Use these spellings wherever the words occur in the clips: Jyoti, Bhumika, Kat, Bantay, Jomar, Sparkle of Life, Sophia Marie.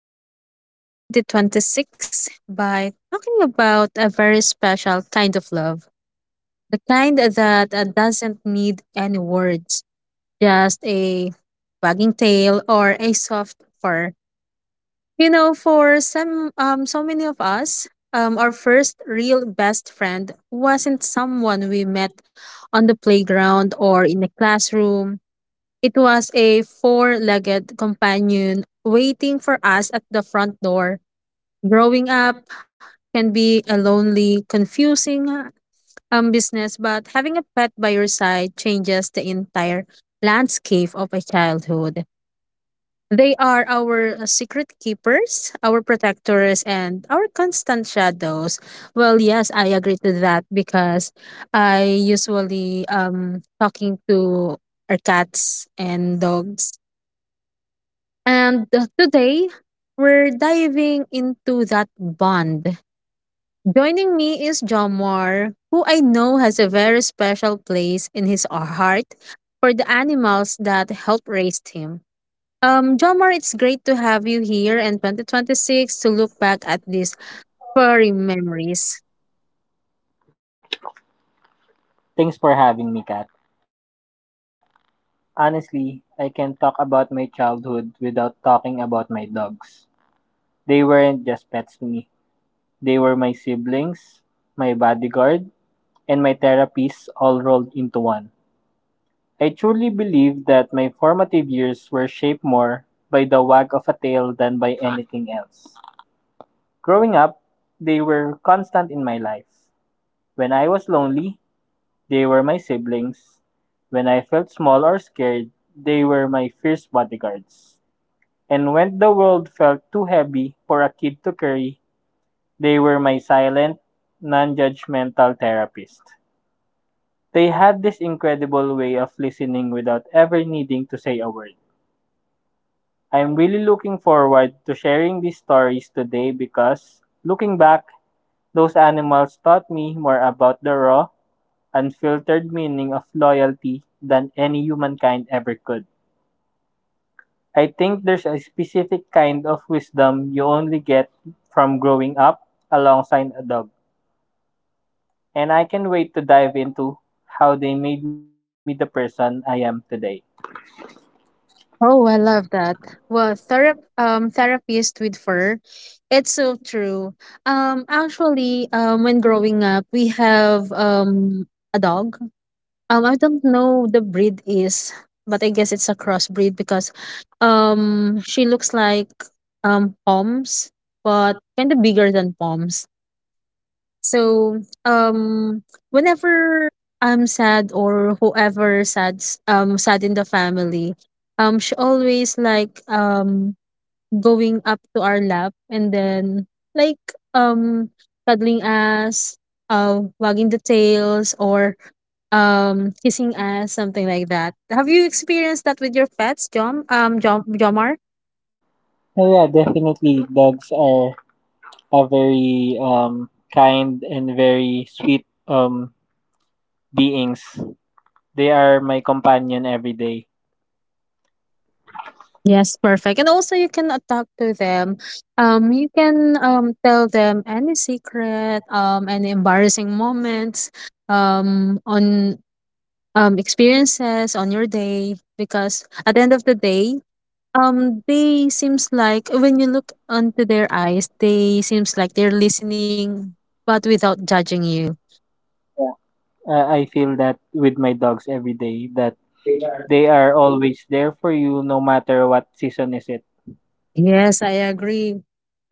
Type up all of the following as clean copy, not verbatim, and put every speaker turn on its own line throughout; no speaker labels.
um, the 2026 by talking about a very special kind of love, the kind that doesn't need any words, just a wagging tail or a soft purr. You know, for some so many of us, our first real best friend wasn't someone we met on the playground or in the classroom. It was a four-legged companion waiting for us at the front door. Growing up can be a lonely, confusing business, but having a pet by your side changes the entire landscape of a childhood. They are our secret keepers, our protectors, and our constant shadows. Well, yes, I agree to that because I usually talking to our cats and dogs. And today we're diving into that bond. Joining me is Jomar, who I know has a very special place in his heart for the animals that helped raise him. Jomar, it's great to have you here in 2026 to look back at these furry memories.
Thanks for having me, Kat. Honestly, I can't talk about my childhood without talking about my dogs. They weren't just pets to me. They were my siblings, my bodyguard, and my therapist all rolled into one. I truly believe that my formative years were shaped more by the wag of a tail than by anything else. Growing up, they were constant in my life. When I was lonely, they were my siblings. When I felt small or scared, they were my fierce bodyguards. And when the world felt too heavy for a kid to carry, they were my silent, non judgmental therapist. They had this incredible way of listening without ever needing to say a word. I'm really looking forward to sharing these stories today because, looking back, those animals taught me more about the raw, unfiltered meaning of loyalty than any humankind ever could. I think there's a specific kind of wisdom you only get from growing up alongside a dog, and I can not wait to dive into how they made me the person I am today.
Oh, I love that. Well, therapist with fur, it's so true. Actually, when growing up, we have a dog. I don't know the breed is, but I guess it's a crossbreed because, she looks like Poms, but kind of bigger than Poms. So, whenever I'm sad or whoever sad sad in the family, she always like going up to our lap and then like um cuddling us, wagging the tails or kissing us, something like that. Have you experienced that with your pets, Jom? Jomar?
Well, yeah, definitely dogs are a very kind and very sweet beings. They are my companion every day.
Yes, perfect. And also you can talk to them. You can tell them any secret, any embarrassing moments, on experiences on your day. Because at the end of the day, they seems like when you look onto their eyes, they seems like they're listening, but without judging you.
I feel that with my dogs every day that they are always there for you no matter what season is it.
Yes, I agree.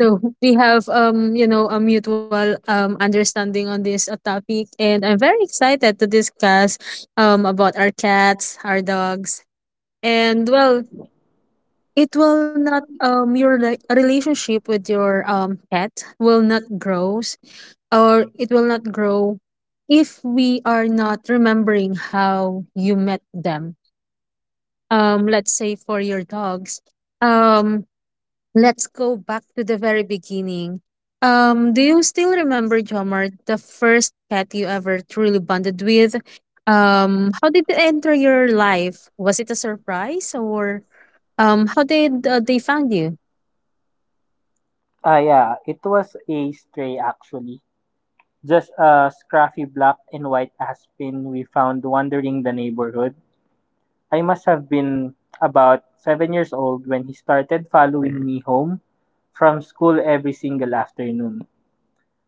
So we have a mutual understanding on this topic, and I'm very excited to discuss about our cats, our dogs, and well, it will not your like relationship with your pet will not grows or it will not grow if we are not remembering how you met them. Um, let's say for your dogs. Um Let's go back to the very beginning. Do you still remember, Jomar, the first pet you ever truly bonded with? How did it enter your life? Was it a surprise or how did they found you?
Yeah, it was a stray actually. Just a scruffy black and white aspen we found wandering the neighborhood. I must have been about 7 years old when he started following me home from school every single afternoon.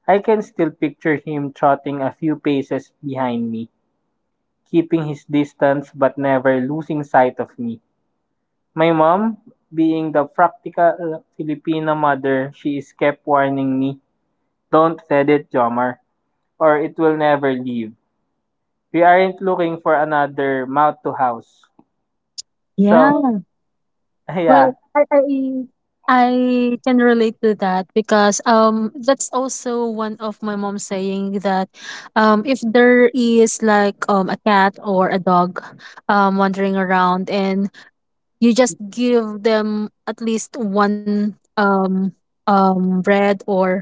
I can still picture him trotting a few paces behind me, keeping his distance but never losing sight of me. My mom, being the practical Filipina mother she is, kept warning me, "Don't feed it, Jomar, or it will never leave. We aren't looking for another mouth to house." So,
Yeah.
yeah,
Well, I can relate to that because that's also one of my mom saying that if there is like a cat or a dog wandering around and you just give them at least one bread or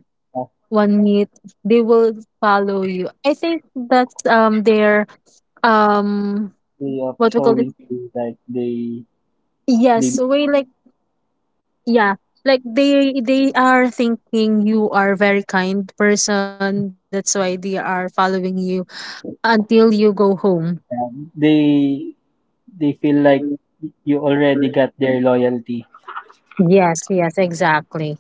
one meat, they will follow you. I think that's their um
way of
what we call it,
showing you like they
yes, way, like, yeah, like they are thinking you are a very kind person, that's why they are following you until you go home.
they they feel like you already got their loyalty.
Yes, yes, exactly.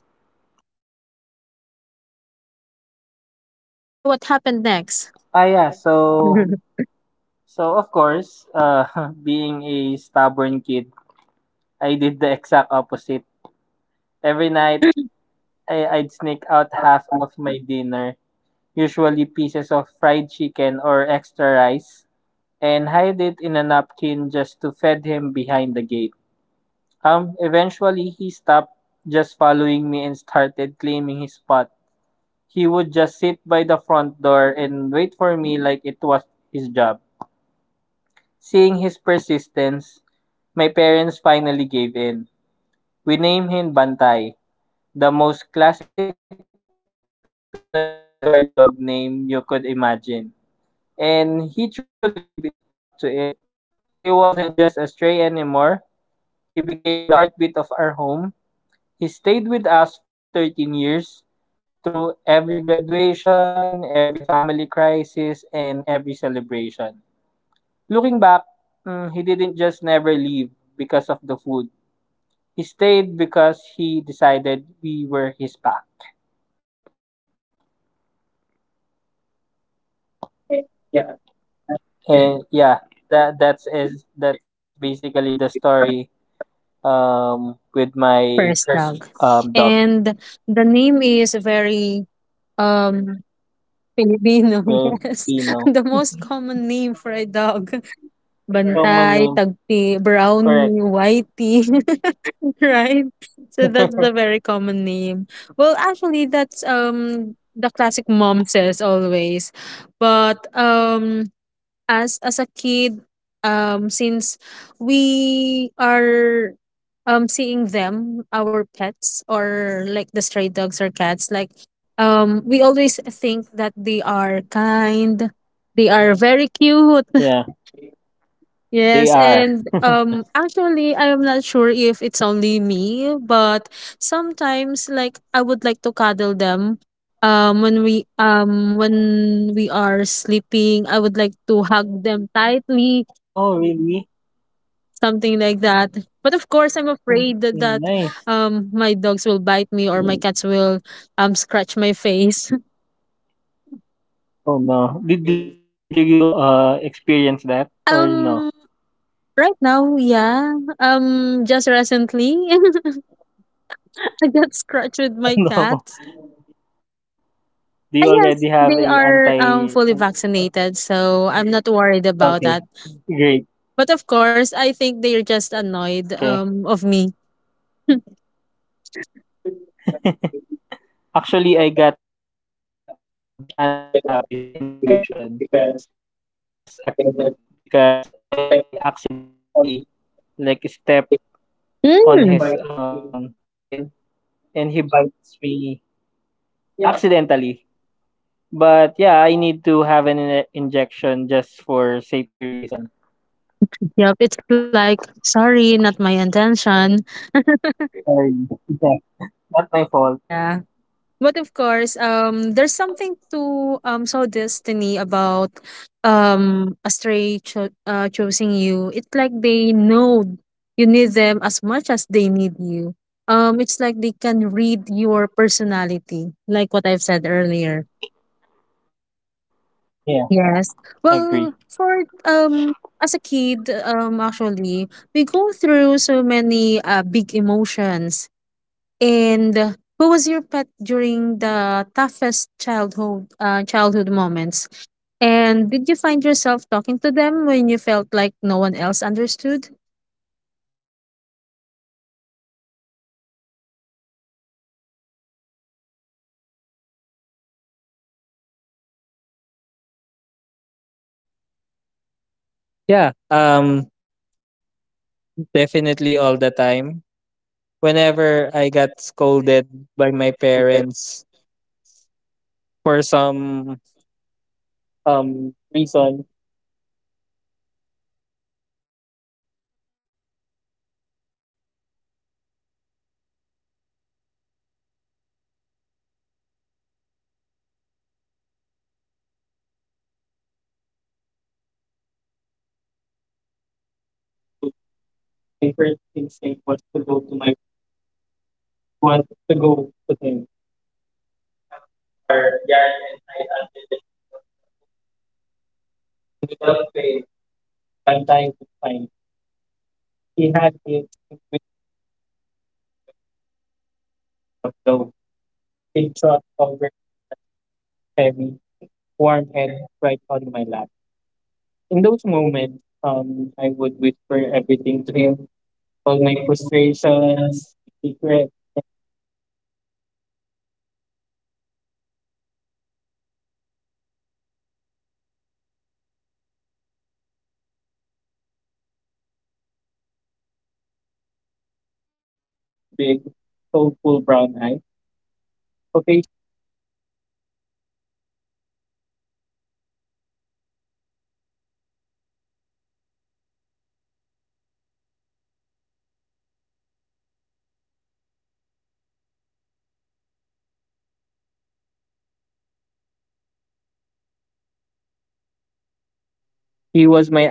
So what happened next?
Yeah, so so of course, being a stubborn kid, I did the exact opposite. Every night I'd sneak out half of my dinner, usually pieces of fried chicken or extra rice, and hide it in a napkin just to feed him behind the gate. Eventually, he stopped just following me and started claiming his spot. He would just sit by the front door and wait for me like it was his job. Seeing his persistence, my parents finally gave in. We named him Bantay, the most classic Pinoy guard dog name you could imagine. And he truly lived it up to it. He wasn't just a stray anymore. He became the heartbeat of our home. He stayed with us for 13 years, through every graduation, every family crisis, and every celebration. Looking back, he didn't just never leave because of the food. He stayed because he decided we were his pack. And yeah, that's basically the story with my first
First dog.
dog,
And the name is very um Filipino,
the
yes.
Pino.
The most common name for a dog.
Common
Bantay,
name,
tagpi,
correct.
brownie, whitey, right? So that's the very common name. Well, actually, that's the classic mom says always. But as a kid, since we are seeing them our pets or like the stray dogs or cats, like, we always think that they are kind, they are very cute.
Yeah,
Yes,
they
and
are.
actually, I am not sure if it's only me, but sometimes like I would like to cuddle them, when we are sleeping, I would like to hug them tightly,
Oh, really?
something like that. But of course, I'm afraid that,
Mm,
that
mm, nice.
um my dogs will bite me or my cats will scratch my face.
Oh no. Did you experience that or
Um,
no?
right now, yeah. Just recently, I got scratched with my
No.
cats.
Do you
Ah,
already
yes,
have
they
a
are
anti?
fully vaccinated, so I'm not worried about that.
Okay. Great.
But of course, I think they're just annoyed
Okay.
of me.
Actually, I got a anti-rabies injection when I was a kid because I accidentally like stepped on his
Mm.
tail and he bites me accidentally. But yeah, I need to have an injection just for safety reason.
Yep, it's like, sorry, not my intention.
Sorry. Yeah, not my fault.
Yeah. But of course, there's something to destiny about a stray choosing you. It's like they know you need them as much as they need you. It's like they can read your personality, like what I've said earlier.
Yeah,
Yes.
agree.
Well, for as a kid, um, actually we go through so many big emotions, and who was your pet during the toughest childhood moments? And did you find yourself talking to them when you felt like no one else understood?
Yeah, definitely all the time. Whenever I got scolded by my parents, yeah, definitely all the time. Whenever I got scolded by parents, for some reason, yeah, as I mentioned, whenever I get scolded by my parents for some mischief or fault, that crushing disappointment, or failing a quiz at school, my first instinct was to go to my room. It was to go to bed. I'd head out to our yard, hide under the shade of the old mango tree, and without fail, Bantay would find me. He had his intuitive way of knowing when my spirit was low. He'd trot over and just rest his heavy, warm head right on my lap. In those moments, I would whisper everything to him, all my frustration, regrets, and the things I was too embarrassed to tell anyone else. Bantay never judged me, never offered unsolicited advice, and never told me I should have studied harder. He just listened with those big, soulful brown eyes, occasionally nudging my hand for a scratch. Also, there was a profound sense of safety in that silence. Having him here, a loyal presence who loved me regardless of my grades or my mistakes, made me the world feel a lot less scary. He was my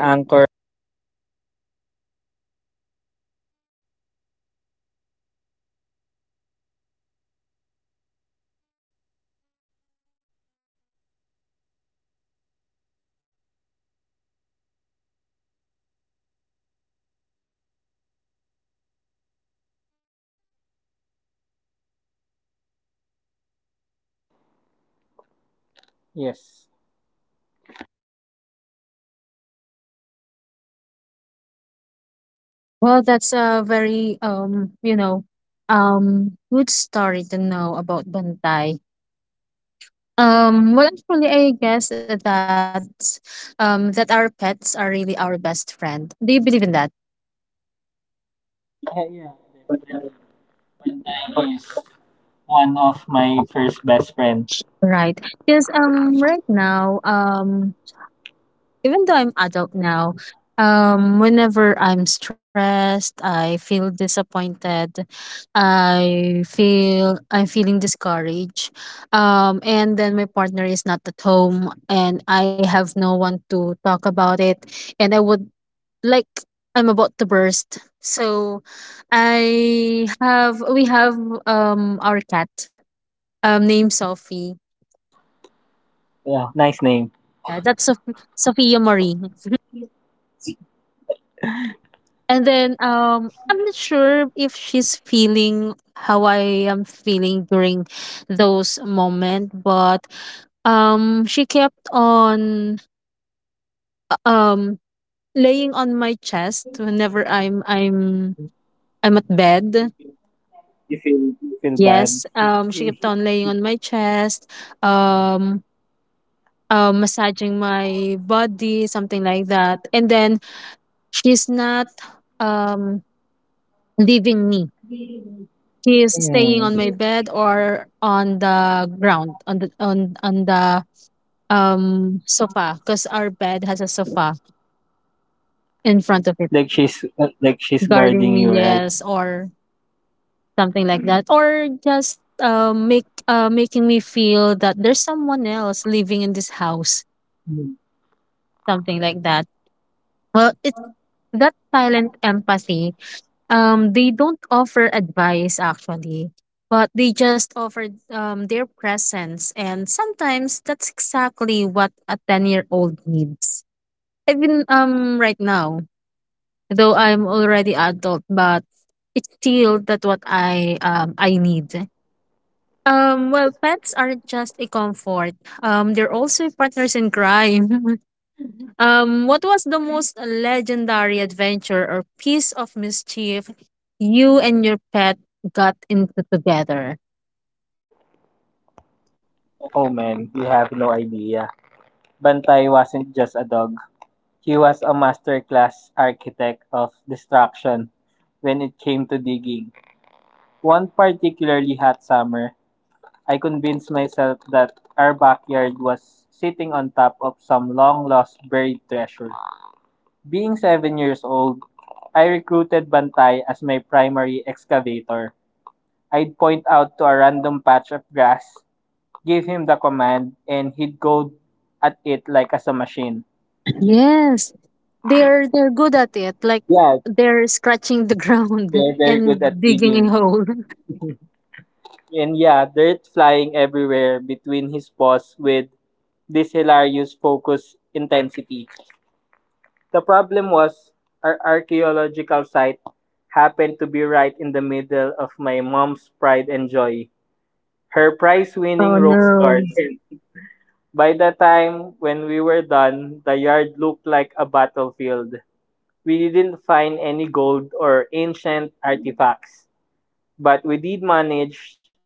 aunt underneath that mango tree. He taught me that sometimes just being there, the greatest comfort you give someone. Yes.
Well, that's a very good story to know about Bantay. Well, actually, I guess that our pets are really our best friend. Do you believe in that?
Yeah, yeah, definitely. Pantay is one of my first best friend.
Right. Because right now, even though I'm adult now, whenever I'm stressed, I feel disappointed, I'm feeling discouraged, and then my partner is not at home, and I have no one to talk about it, and I would like I'm about to burst. So, I have we have our cat named Sophie.
Yeah, nice name.
Yeah, that's Sophie, Sophia Marie. And then I'm not sure if she's feeling how I am feeling during those moment, but she kept on um laying on my chest whenever I'm at bed.
You feel bad.
Yes, um, she kept on laying on my chest, um massaging my body, something like that. And then she's not um leaving me. He is staying on my
Hmm.
bed or on the ground, on the sofa, because our bed has a sofa in front of it.
Like she's like she's
Guarding
guarding
me,
you, right?
yes, or something like that, or just make making me feel that there's someone else living in this house,
Mm.
something like that. Well, it's that silent empathy. They don't offer advice actually, but they just offer their presence, and sometimes that's exactly what a ten-year-old needs. Even right now, though I'm already adult, but it's still that what I need. Well, pets aren't just a comfort. They're also partners in crime. Um, what was the most legendary adventure or piece of mischief you and your pet got into together?
Oh man, you have no idea. Bantai wasn't just a dog. He was a masterclass architect of destruction when it came to digging. One particularly hot summer, I convinced myself that our backyard was sitting on top of some long lost buried treasure. Being 7 years old, I recruited Bantay as my primary excavator. I'd point out to a random patch of grass, give him the command, and he'd go at it like as a machine.
Yes, they're good at it. Like,
Yeah,
they're scratching the ground
they're very good
and
at
digging a
digging.
hole.
And yeah, dirt flying everywhere between his paws with this hilarious focus intensity. The problem was our archaeological site happened to be right in the middle of my mom's pride and joy, her prize-winning
Oh
rose
no.
garden. By the time when we were done, the yard looked like a battlefield. We didn't find any gold or ancient artifacts, but we did manage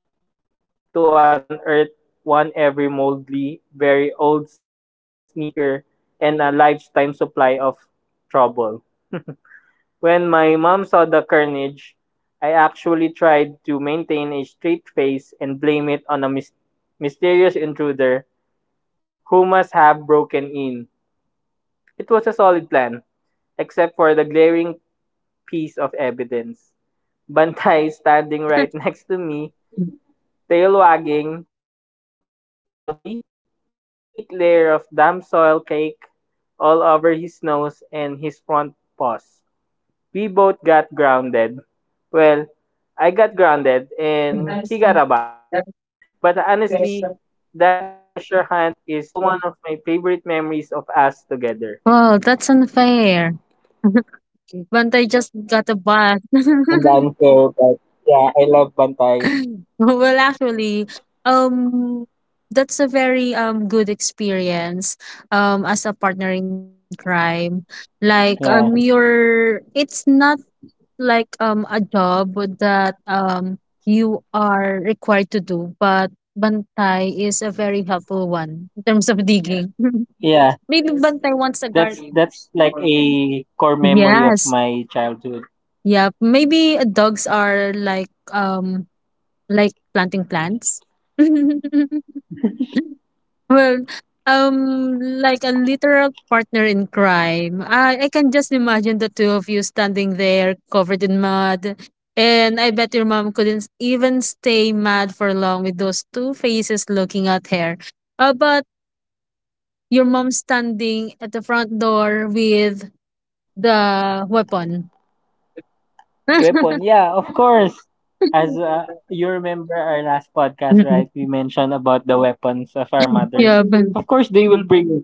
to unearth one every moldy, very old sneaker and a lifetime supply of trouble. When my mom saw the carnage, I actually tried to maintain a straight face and blame it on a mysterious intruder who must have broken in. It was a solid plan, except for the glaring piece of evidence. Bantay, standing right next to me, tail wagging proudly, with a thick layer of damp soil cake all over his nose and his front paws. We both got grounded. Well, I got grounded and he got a bat. But honestly, that treasure hunt is still one of my favorite memories of us together.
Well, that's unfair. But I just got a bus.
Yeah, I'm Banco, but yeah, I love Bantay.
Well, actually, um, that's a very good experience as a partner in crime. Like,
Yeah.
you're it's not like a job that you are required to do, but Bantay is a very helpful one in terms of digging.
Yeah.
Maybe Bantay wants a guard.
That's like a core memory of
Yes.
my childhood.
Yeah, maybe dogs are like planting plants. Well, like a literal partner in crime. I can just imagine the two of you standing there covered in mud. And I bet your mom couldn't even stay mad for long with those two faces looking at her. But your mom standing at the front door with the weapon.
Weapon, yeah, of course. As you remember our last podcast, right? We mentioned about the weapons of our mothers.
Yeah, but
Of course they will bring it,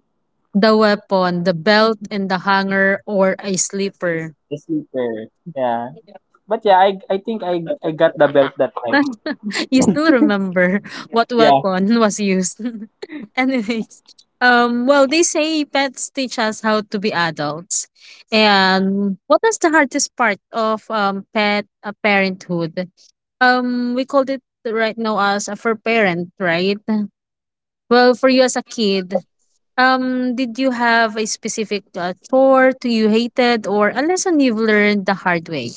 the weapon, the belt, and the hanger or a slipper.
the sleeper. Yeah. But yeah, I think I got the belt that time.
You still remember what
Yeah.
weapon was used. Anyways, well, they say pets teach us how to be adults. And what was the hardest part of pet parenthood? We called it right now as a for parent, right? Well, for you as a kid, did you have a specific chore to you hated, or a lesson you've learned the hard way?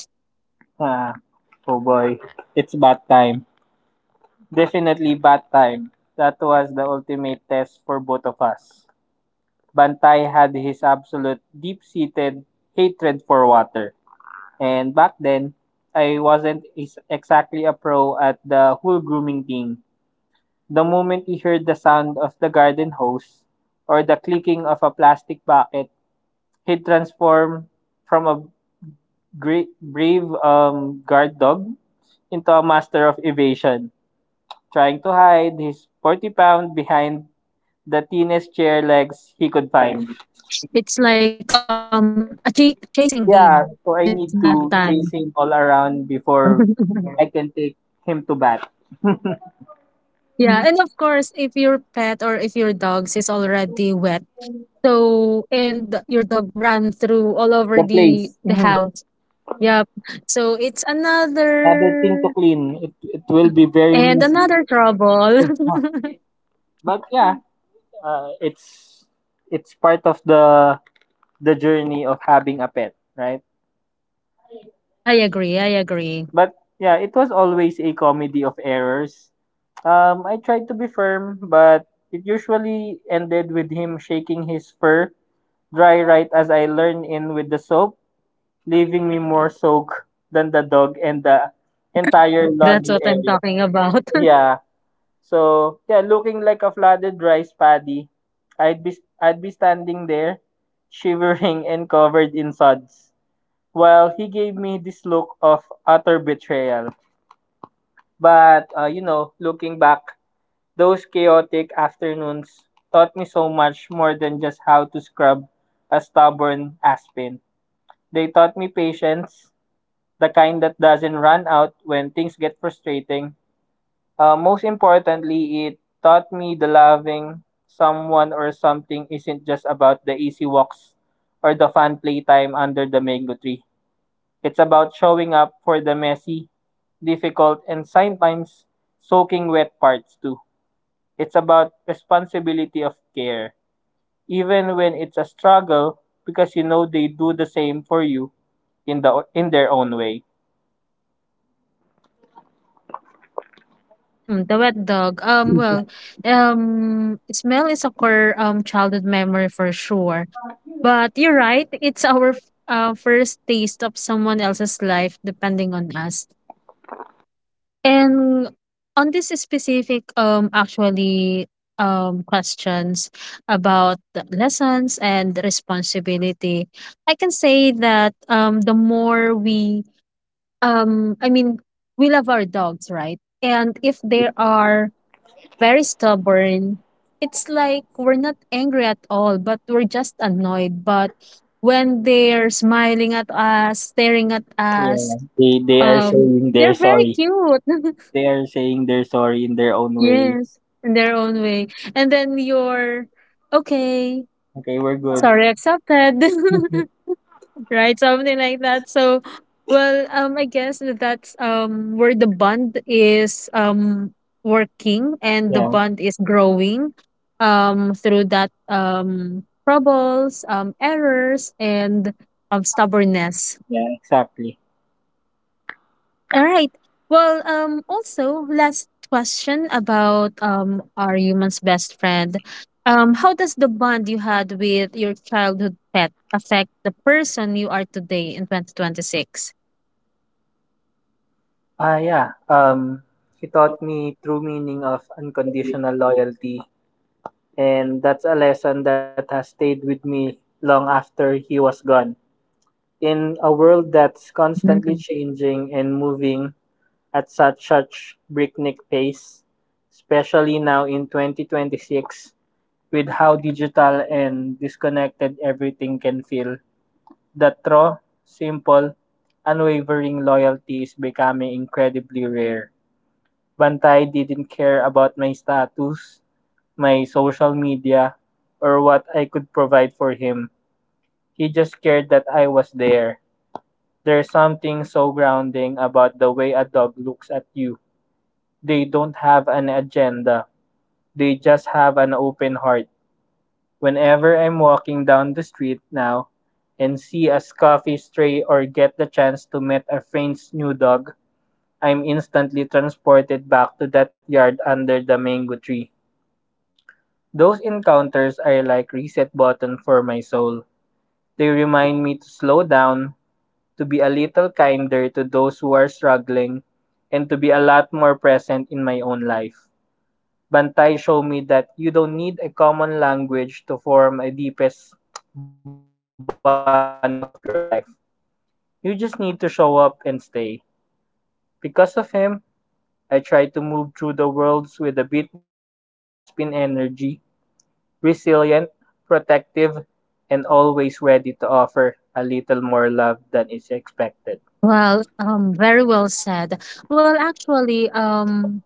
Ah, oh boy. It's bad time. Definitely bad time. That was the ultimate test for both of us. Bantay had his absolute deep seated hatred for water. And back then, I wasn't exactly a pro at the whole grooming thing. The moment he heard the sound of the garden hose or the clicking of a plastic bucket, he transformed from a brave guard dog into a master of evasion, trying to hide his 40 pound behind the thinnest chair legs he could find.
It's like a
Yeah,
chasing
so I
game
need to
when
chase
it's
him
bath
all
time.
around before I can take him to bat. The
Yeah. Mm. And of course, if your pet or if your dogs is already wet, so and your dog run through all over
place.
the
Mhm.
house. Yep. So it's
Other thing to
another
clean. It will be very
and
messy.
another trouble.
But yeah, uh, it's it's part of the journey of having a pet, right?
I agree. I agree.
But yeah, it was always a comedy of errors. I tried to be firm, but it usually ended with him shaking his fur dry right as I learn in with the soap, leaving me more soaked than the dog and the entire
That's
laundry
what I'm
area.
talking about.
Yeah. So yeah, looking like a flooded rice paddy, I'd be I'd be standing there, shivering and covered in suds, while he gave me this look of utter betrayal. But looking back, those chaotic afternoons taught me so much more than just how to scrub a stubborn aspen. They taught me patience, the kind that doesn't run out when things get frustrating. Most importantly, it taught me the loving someone or something isn't just about the easy walks or the fun playtime under the mango tree. It's about showing up for the messy, difficult, and sometimes soaking wet parts too. It's about responsibility of care, even when it's a struggle because you know they do the same for you in their own way.
The wet dog. Well, smell is a core childhood memory for sure. But you're right. It's our first taste of someone else's life, depending on us. And on this specific actually questions about the lessons and responsibility, I can say that the more we um I mean we love our dogs, right? And if they are very stubborn, it's like we're not angry at all, but we're just annoyed. But when they're smiling at us, staring at
Yeah,
us,
they are saying they're
they're very
sorry.
cute.
They are saying they're sorry in their own
Yes,
ways.
in their own way. And then you're okay,
Okay, we're good.
sorry, accepted. Right? Something like that. So, I guess that's where the bond is working and the
Yeah,
bond is growing through that troubles, errors and stubbornness.
yeah, exactly.
All right. Well, also last question about our human's best friend. How does the bond you had with your childhood pet affect the person you are today in 2026?
Yeah. He taught me true meaning of unconditional loyalty, and that's a lesson that has stayed with me long after he was gone. In a world that's constantly
Mm.
changing and moving at such breakneck pace, especially now in 2026, with how digital and disconnected everything can feel, that raw, simple, unwavering loyalty is becoming incredibly rare. Bantay didn't care about my status, my social media, or what I could provide for him. He just cared that I was there. There's something so grounding about the way a dog looks at you. They don't have an agenda, they just have an open heart. Whenever I'm walking down the street now and see a coffee stray or get the chance to meet a friend's new dog, I'm instantly transported back to that yard under the mango tree. Those encounters are like reset button for my soul. They remind me to slow down, to be a little kinder to those who are struggling, and to be a lot more present in my own life. Bantay showed me that you don't need a common language to form a deepest bond of your life. You just need to show up and stay. Because of him, I try to move through the worlds with a bit more of that Aspen energy, resilient, protective, and always ready to offer a little more love than is expected.
Well, very well said. Well,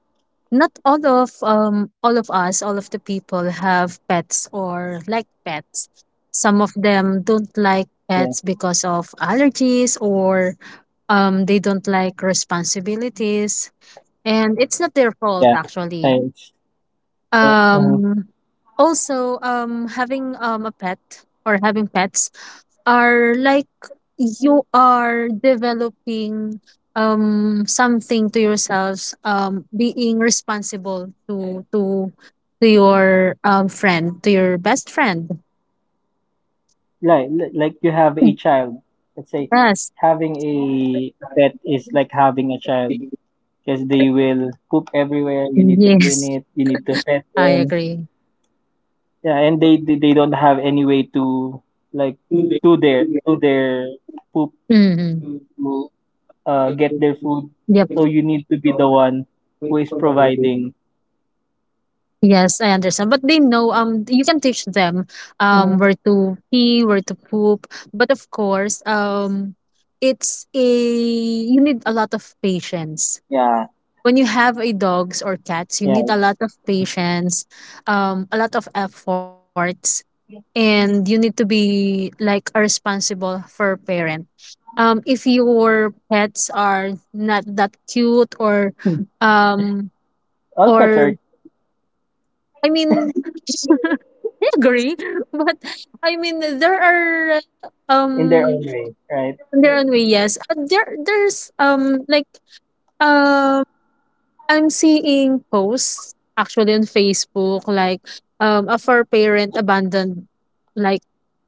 not all of all of us, all of the people have pets or like pets. Some of them don't
Yeah,
like pets because of allergies or they don't like responsibilities and it's not their
yeah.
fault actually
And it's, uh, uh,
um also having a pet or having pets are like you are developing something to yourselves being responsible to your friend, to your best friend.
like like you have a child. Let's say
yes,
having a pet is like having a child because they will poop everywhere. You need to
yes,
clean it. You need to pet
I
them.
agree.
Yeah, and they don't have any way to like do their poop
Hmm.
to get their food,
Yep.
so you need to be the one who is providing.
Yes, I understand. But they know you can teach them
Mhm.
Mm-hmm, where to pee, where to poop. But of course, it's a you need a lot of patience.
Yeah.
When you have a dogs or cats, you
Yeah.
need a lot of patience, a lot of efforts, and you need to be like a responsible for parent. If your pets are not that cute
Hmm.
um
All pets
or
are
I mean agree, but there are
in
um
their own way, right?
there their way, yes. There's like um I'm seeing posts actually on Facebook like a for parent abandoned like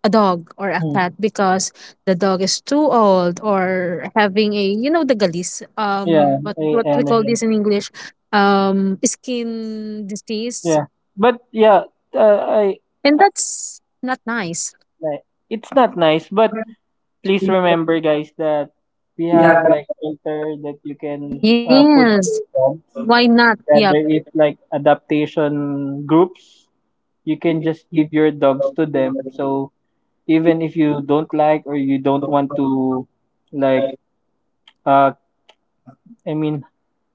a dog or a
Hmm.
cat because the dog is too old or having a the galis,
Yeah,
what
I,
what
I
we call
understand.
this in English, skin disease,
Yeah, but yeah, uh, I,
and
I
that's not nice.
like, it's not nice, but please remember guys that we have like filter that you can put
Yes.
your dogs.
Why not?
Yeah, there
Yep.
is like adaptation groups. You can just give your dogs to them. So even if you don't like or you don't want to like uh I mean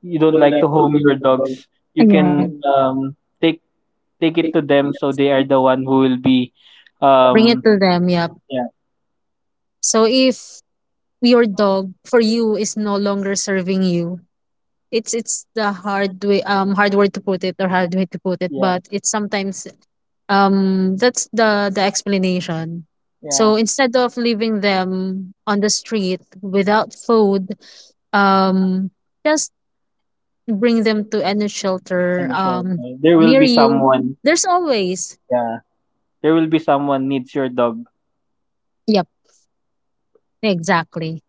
you don't like to home your dogs, you
Yeah.
can take it to them so they are the one who will be
Bring it
um
to them. Yep.
yeah,
So if your dog for you is no longer serving you, it's the hard way, hard word to put it or hard way to put it,
yeah,
but it's sometimes that's the explanation.
yeah.
So instead of leaving them on the street without food, um just bring them to any shelter
And sure, there will be
near you.
someone.
There's always
Yeah. There will be someone needs your dog.
yep, exactly.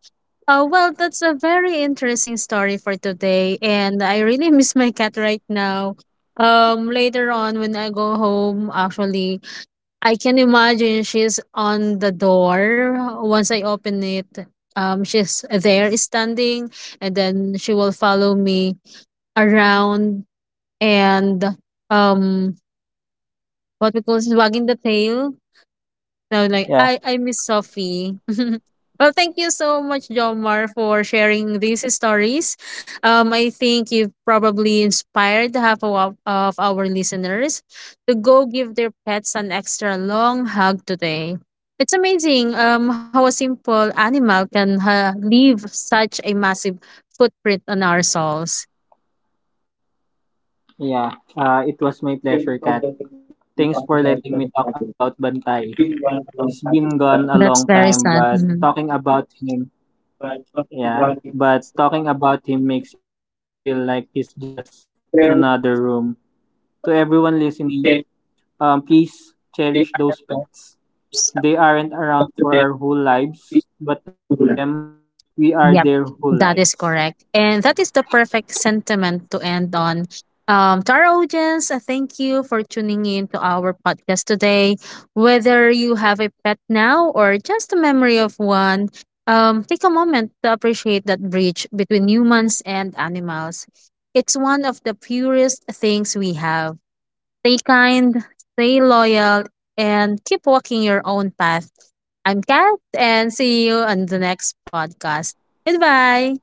Oh, well, that's a very interesting story for today, and I really miss my cat right now. Later on when I go home, actually, I can imagine she's on the door. Once I open it, she's there standing, and then she will follow me around and um, what we call this, wagging the tail. So like I miss
Yeah.
Sophie. well, thank you so much, Jomar, for sharing these stories. I think you've probably inspired half of, of our listeners to go give their pets an extra long hug today. It's amazing how a simple animal can leave such a massive footprint on our souls.
Yeah. It was my pleasure, Kat. Thanks for letting me talk about Bantay. He's been gone a
That's
long
very
time,
sad.
but
Mm-hmm.
talking about him. Yeah, but talking about him makes it feel like he's just in another room. To everyone listening, please cherish those pets. They aren't around for our whole lives, but to them, we are
Yep,
their whole
that is
lives.
correct. And that is the perfect sentiment to end on. To our audience, thank you for tuning in to our podcast today. Whether you have a pet now or just a memory of one, take a moment to appreciate that bridge between humans and animals. It's one of the purest things we have. Stay kind, stay loyal, and keep walking your own path. I'm Kat, and see you on the next podcast. Goodbye.